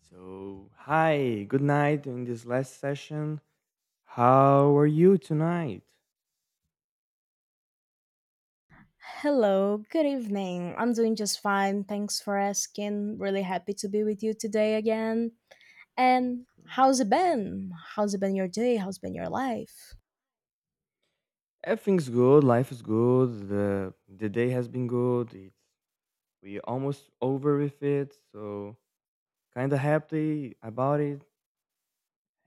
So, hi, good night. In this last session, how are you tonight? Hello, good evening. I'm doing just fine. Thanks for asking. Really happy to be with you today again. And Let's how's go. it been? How's it been your day? How's been your life? Everything's good. Life is good. The day has been good. It's we almost over with it, so kind of happy about it.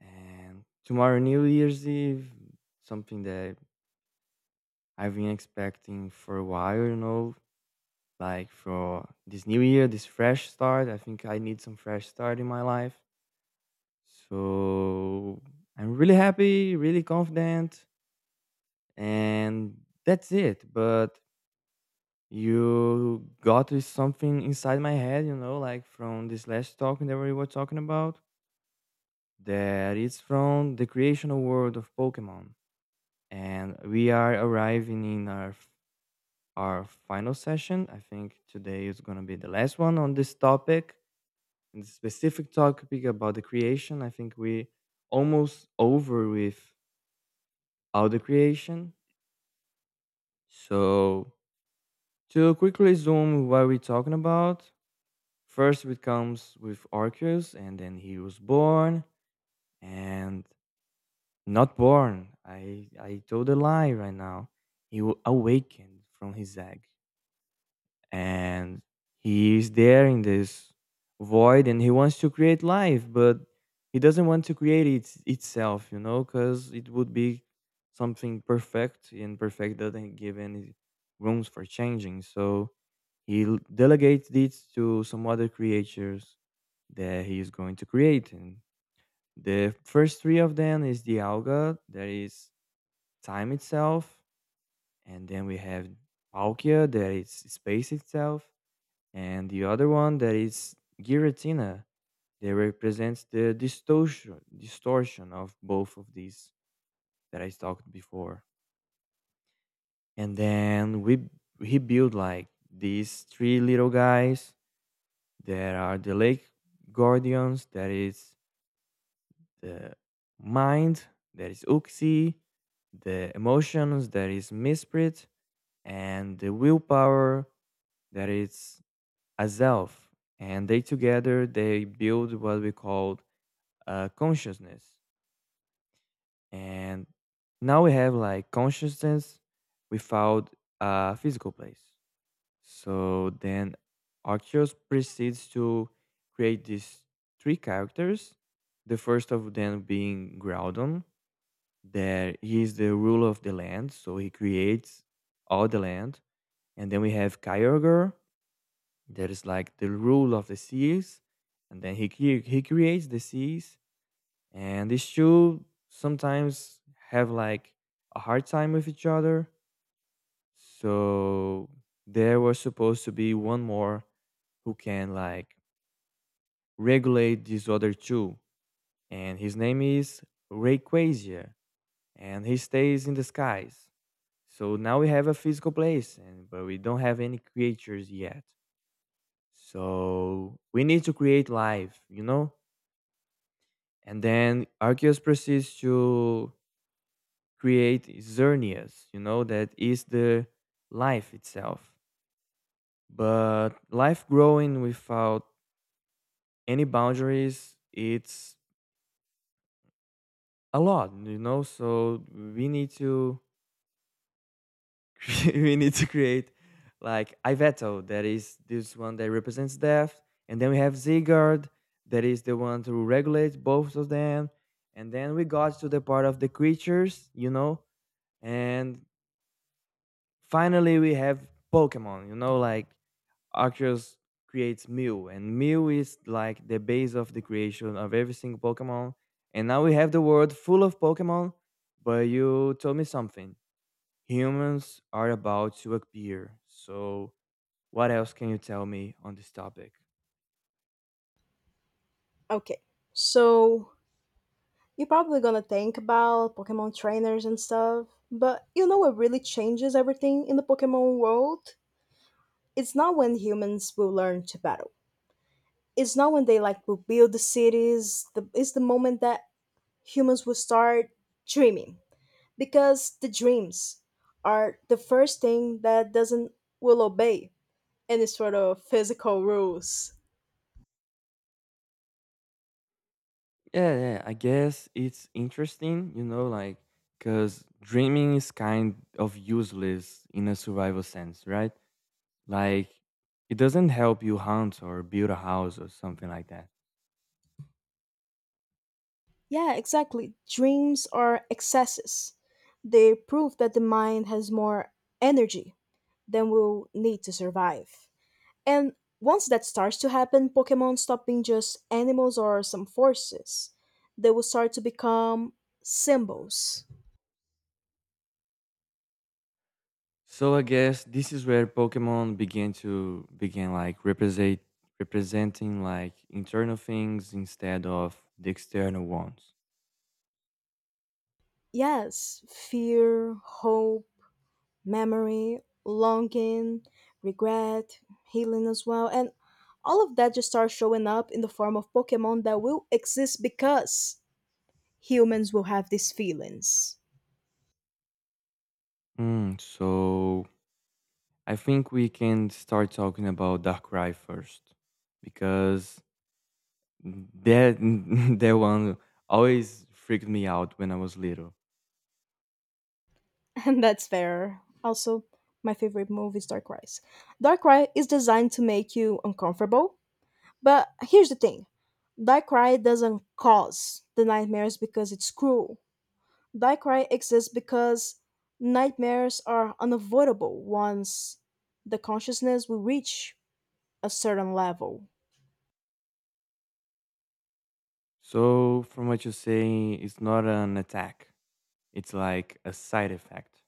And tomorrow, New Year's Eve, something that I've been expecting for a while. You know, like for this new year, this fresh start. I think I need some fresh start in my life. So I'm really happy, really confident, and that's it. But you got is something inside my head, you know, like from this last talk that we were talking about, that it's from the creational world of Pokemon. And we are arriving in our final session. I think today is gonna be the last one on this topic, and the specific topic about the creation. I think we almost over with audio creation. So, to quickly zoom what we're talking about, first it comes with Arceus, and then he was born and not born. I told a lie right now. He awakened from his egg. And he is there in this void, and he wants to create life, but he doesn't want to create it itself, you know, because it would be something perfect, and perfect doesn't give any rooms for changing. So he delegates it to some other creatures that he is going to create. And the first three of them is the alga that is time itself. And then we have Palkia, that is space itself. And the other one that is giratina, that represents the distortion of both of these that I talked before. And then we he built like these three little guys that are the lake guardians, that is the mind that is Uxie, the emotions that is Misprit, and the willpower that is Azelf. And they together they build what we call consciousness. And now we have like consciousness without a physical place. So then Arcturus proceeds to create these three characters. The first of them being Groudon, that he is the ruler of the land, so he creates all the land. And then we have Kyogre, that is like the rule of the seas. And then he, he creates the seas. And these two sometimes have like a hard time with each other, so there was supposed to be one more who can like regulate these other two, and his name is Rayquaza, and he stays in the skies. So now we have a physical place, and but we don't have any creatures yet. So we need to create life, you know. And then Arceus proceeds to create xerneas, you know, that is the life itself. But life growing without any boundaries, it's a lot, you know. So we need to we need to create like Iveto, that is this one that represents death. And then we have Zygarde, that is the one to regulate both of them. And then we got to the part of the creatures, you know, and finally we have Pokemon, you know, like Arceus creates Mew, and Mew is like the base of the creation of every single Pokemon. And now we have the world full of Pokemon, but you told me something. Humans are about to appear. So, what else can you tell me on this topic? Okay, so you're probably gonna think about Pokemon trainers and stuff, but you know what really changes everything in the Pokemon world? It's not when humans will learn to battle. It's not when they like will build the cities. The, it's the moment that humans will start dreaming. Because the dreams are the first thing that doesn't will obey any sort of physical rules. Yeah, yeah, I guess it's interesting, you know, like, because dreaming is kind of useless in a survival sense, right? Like, it doesn't help you hunt or build a house or something like that. Yeah, exactly. Dreams are excesses. They prove that the mind has more energy than will need to survive. And once that starts to happen, Pokemon stop being just animals or some forces. They will start to become symbols. So I guess this is where Pokemon began to begin like representing like internal things instead of the external ones. Yes, fear, hope, memory, longing, regret, healing as well. And all of that just starts showing up in the form of Pokemon that will exist because humans will have these feelings. Mm, so I think we can start talking about Darkrai first because that that one always freaked me out when I was little. And that's fair. Also, my favorite move is Darkrai. Darkrai is designed to make you uncomfortable. But here's the thing, Darkrai doesn't cause the nightmares because it's cruel. Darkrai exists because nightmares are unavoidable once the consciousness will reach a certain level. So from what you say, it's not an attack; it's like a side effect.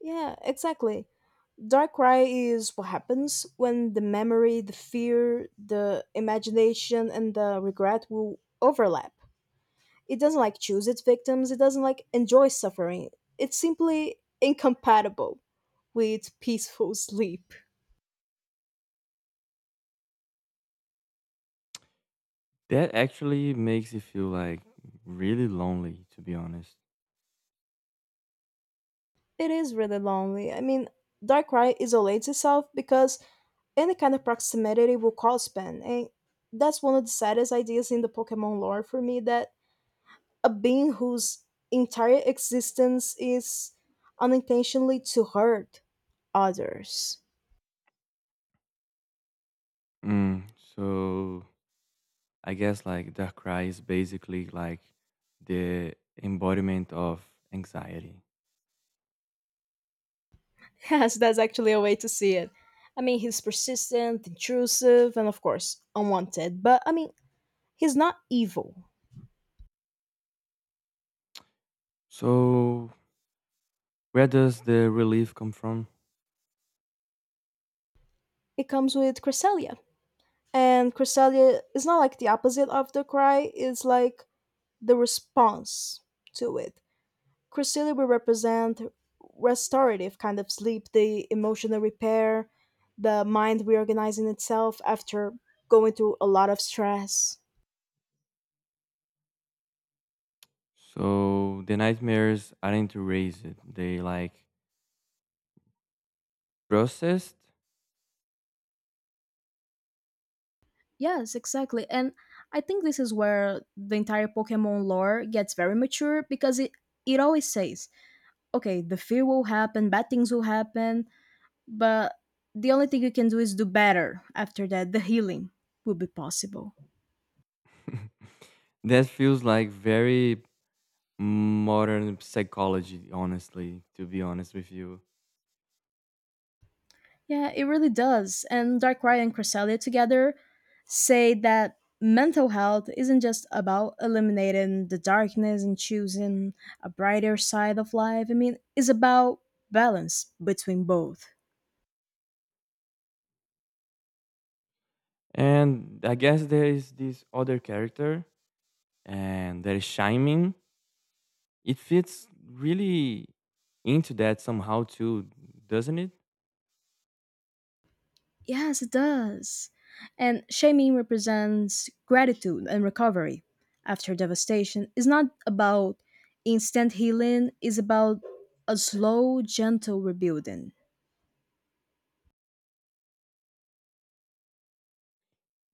Yeah, exactly. Darkrai is what happens when the memory, the fear, the imagination, and the regret will overlap. It doesn't like choose its victims, it doesn't like enjoy suffering. It's simply incompatible with peaceful sleep. That actually makes you feel like really lonely, to be honest. It is really lonely. I mean, Darkrai isolates itself because any kind of proximity will cause pain, and that's one of the saddest ideas in the Pokemon lore for me, that a being whose entire existence is unintentionally to hurt others. Mm, so I guess like the cry is basically like the embodiment of anxiety. Yes, that's actually a way to see it. I mean, he's persistent, intrusive, and of course, unwanted, but I mean, he's not evil. So where does the relief come from? It comes with Cresselia. And Cresselia is not like the opposite of the cry, it's like the response to it. Chrysili will represent restorative kind of sleep, the emotional repair, the mind reorganizing itself after going through a lot of stress. So the nightmares aren't erased; they like processed. Yes, exactly. And I think this is where the entire Pokemon lore gets very mature because it always says, okay, the fear will happen, bad things will happen, but the only thing you can do is do better after that. The healing will be possible. That feels like very modern psychology, honestly. To be honest with you. Yeah, it really does. And Darkrai and Cresselia together say that mental health isn't just about eliminating the darkness and choosing a brighter side of life. I mean, it's about balance between both. And I guess there is this other character, and there is Shining. It fits really into that somehow too, doesn't it? Yes, it does. And shaming represents gratitude and recovery after devastation. It's not about instant healing, it's about a slow, gentle rebuilding.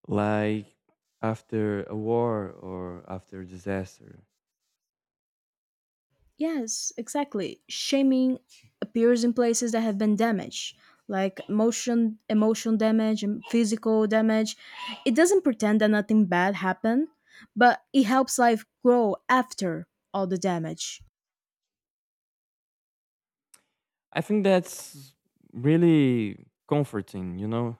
Like after a war or after a disaster. Yes, exactly. Shaming appears in places that have been damaged, like emotion, emotional damage, and physical damage. It doesn't pretend that nothing bad happened, but it helps life grow after all the damage. I think that's really comforting, you know?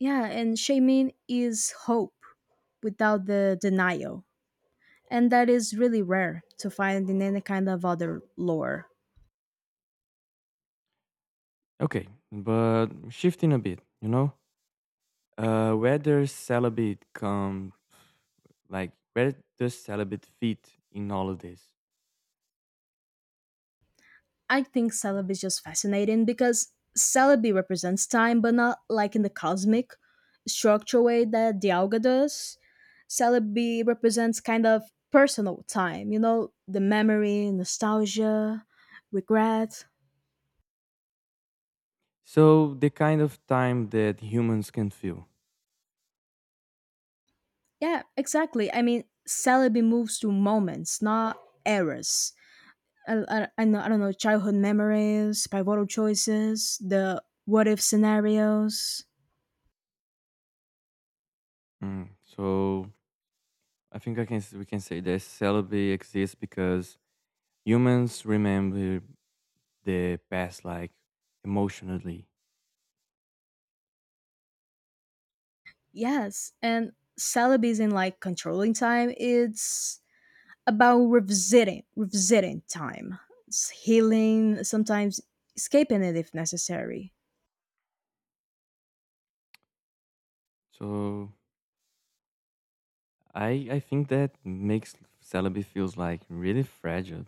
Yeah, and shaming is hope without the denial, and that is really rare to find in any kind of other lore. Okay, but shifting a bit, you know? Where does celibate come, like, where does celibate fit in all of this? I think Celebi is just fascinating because Celebi represents time, but not like in the cosmic structure way that Dialga does. Celebi represents kind of personal time, you know, the memory, nostalgia, regret. So the kind of time that humans can feel. Yeah, exactly. I mean, Celebi moves through moments, not eras. I don't know, childhood memories, pivotal choices, the what if scenarios. Mm, so I think I can we can say that celibacy exists because humans remember the past like emotionally. Yes, and Celebi isn't like controlling time. It's about revisiting time. It's healing, sometimes escaping it if necessary. So I think that makes celibacy feels like really fragile.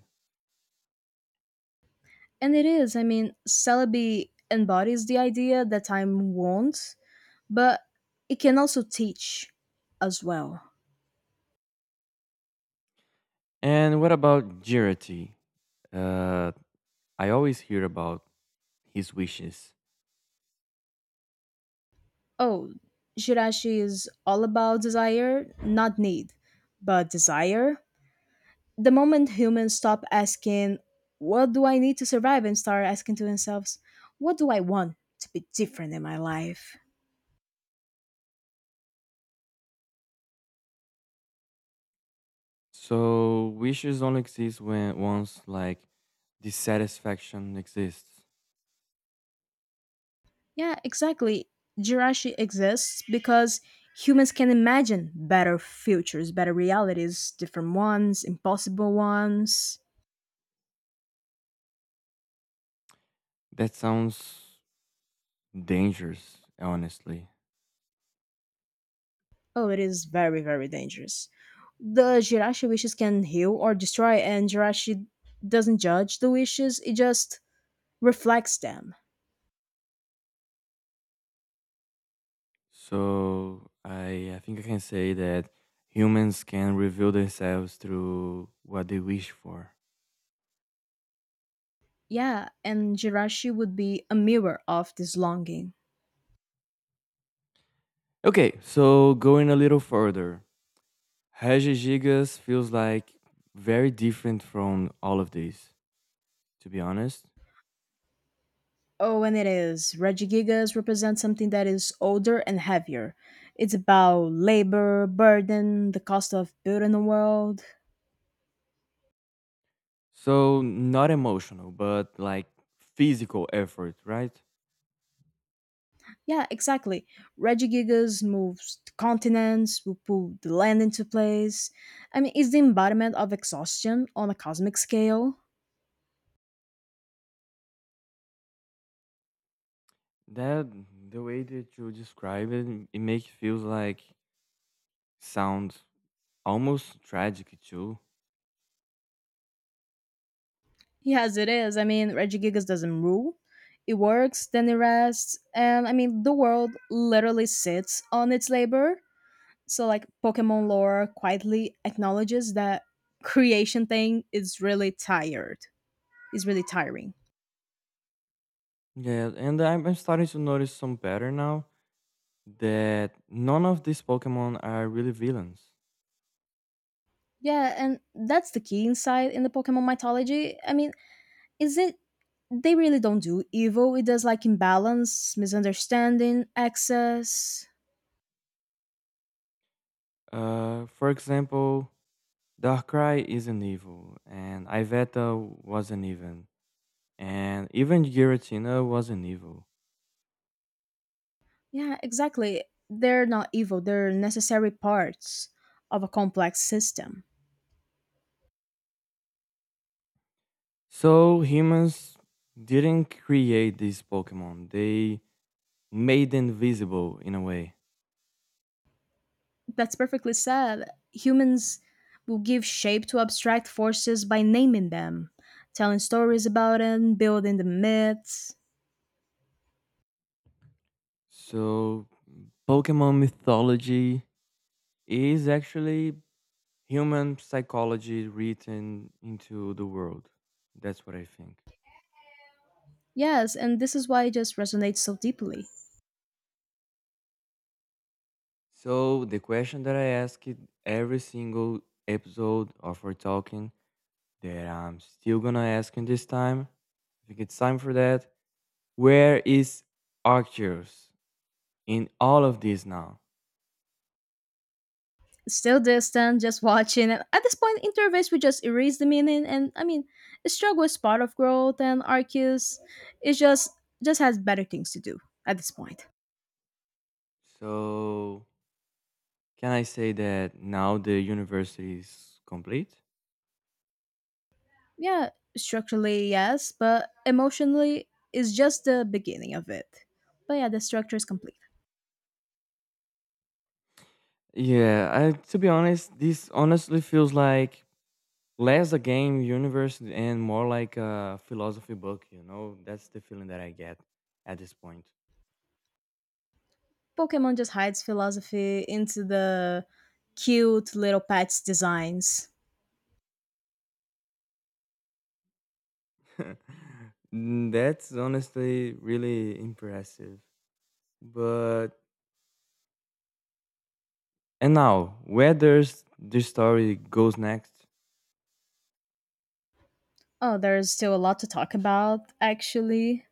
And it is. I mean, Celebi embodies the idea that time won't, but it can also teach as well. And what about Jirati? Uh, I always hear about his wishes. Oh, Shirashi is all about desire, not need, but desire. The moment humans stop asking, "What do I need to survive?" and start asking to themselves, "What do I want to be different in my life?" So wishes only exist when once like dissatisfaction exists. Yeah, exactly. Jirashi exists because humans can imagine better futures, better realities, different ones, impossible ones. That sounds dangerous, honestly. Oh, it is very, very dangerous. The Jirashi wishes can heal or destroy, and Jirashi doesn't judge the wishes, it just reflects them. So I think I can say that humans can reveal themselves through what they wish for. Yeah, and Jirashi would be a mirror of this longing. Okay, so going a little further, Regis Gigas feels like very different from all of these, to be honest. Oh, and it is. Regigigas represent something that is older and heavier. It's about labor, burden, the cost of building a world. So not emotional, but like physical effort, right? Yeah, exactly. Regigigas moves continents, will pull the land into place. I mean, it's the embodiment of exhaustion on a cosmic scale. That the way that you describe it, it makes feels like sound almost tragic too. Yes, it is. I mean, Reggie Gigas doesn't rule. It works, then it rests, and I mean, the world literally sits on its labor. So, like, Pokemon lore quietly acknowledges that creation thing is really tired, is really tiring. Yeah, and I'm starting to notice some pattern now that none of these Pokemon are really villains. Yeah, and that's the key insight in the Pokemon mythology. I mean, is it they really don't do evil, it does like imbalance, misunderstanding, excess. For example, Darkrai isn't evil, and Iveta wasn't even, and even Giratina wasn't evil. Yeah, exactly. They're not evil, they're necessary parts of a complex system. So humans didn't create these Pokemon; they made them visible in a way. That's perfectly said. Humans will give shape to abstract forces by naming them, telling stories about them, building the myths. So Pokemon mythology is actually human psychology written into the world. That's what I think. Yes, and this is why it just resonates so deeply. So the question that I ask it every single episode of our talking that I'm still gonna ask in this time. I think it's time for that. Where is Arcturus in all of this now? Still distant, just watching. And at this point, interface we just erase the meaning, and I mean, struggle is part of growth, and Arceus, it just has better things to do at this point. So can I say that now the university is complete? Yeah, structurally, yes, but emotionally is just the beginning of it. But yeah, the structure is complete. Yeah, I, to be honest, this honestly feels like less a game universe and more like a philosophy book, you know, that's the feeling that I get at this point. Pokemon just hides philosophy into the cute little pets designs. Mm, that's honestly really impressive, but and now where does this story goes next? Oh, there's still a lot to talk about, actually.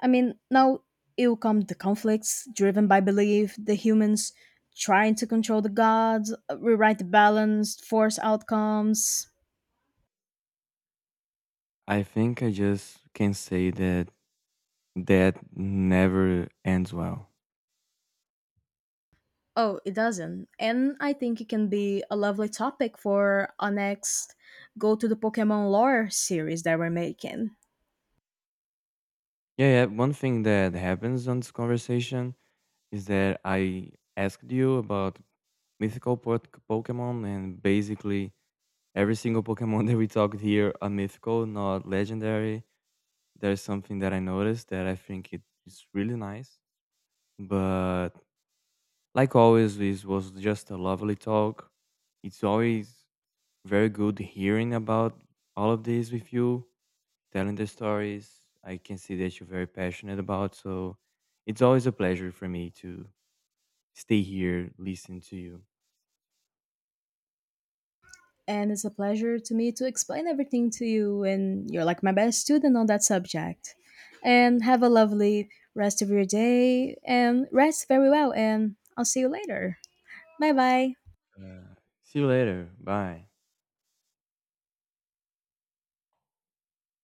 I mean, now it'll come the conflicts driven by belief, the humans trying to control the gods, rewrite the balance, force outcomes. I think I just can say that that never ends well. Oh, it doesn't. And I think it can be a lovely topic for our next Go to the Pokemon Lore series that we're making. Yeah, yeah, one thing that happens on this conversation is that I asked you about mythical po- pokemon, and basically every single Pokemon that we talked here are mythical, not legendary. There's something that I noticed that I think it is really nice. But like always, this was just a lovely talk. It's always very good hearing about all of this with you, telling the stories. I can see that you're very passionate about. So it's always a pleasure for me to stay here, listen to you. And it's a pleasure to me to explain everything to you, and you're like my best student on that subject. And have a lovely rest of your day, and rest very well, and I'll see you later. Bye bye. Uh, See you later. Bye.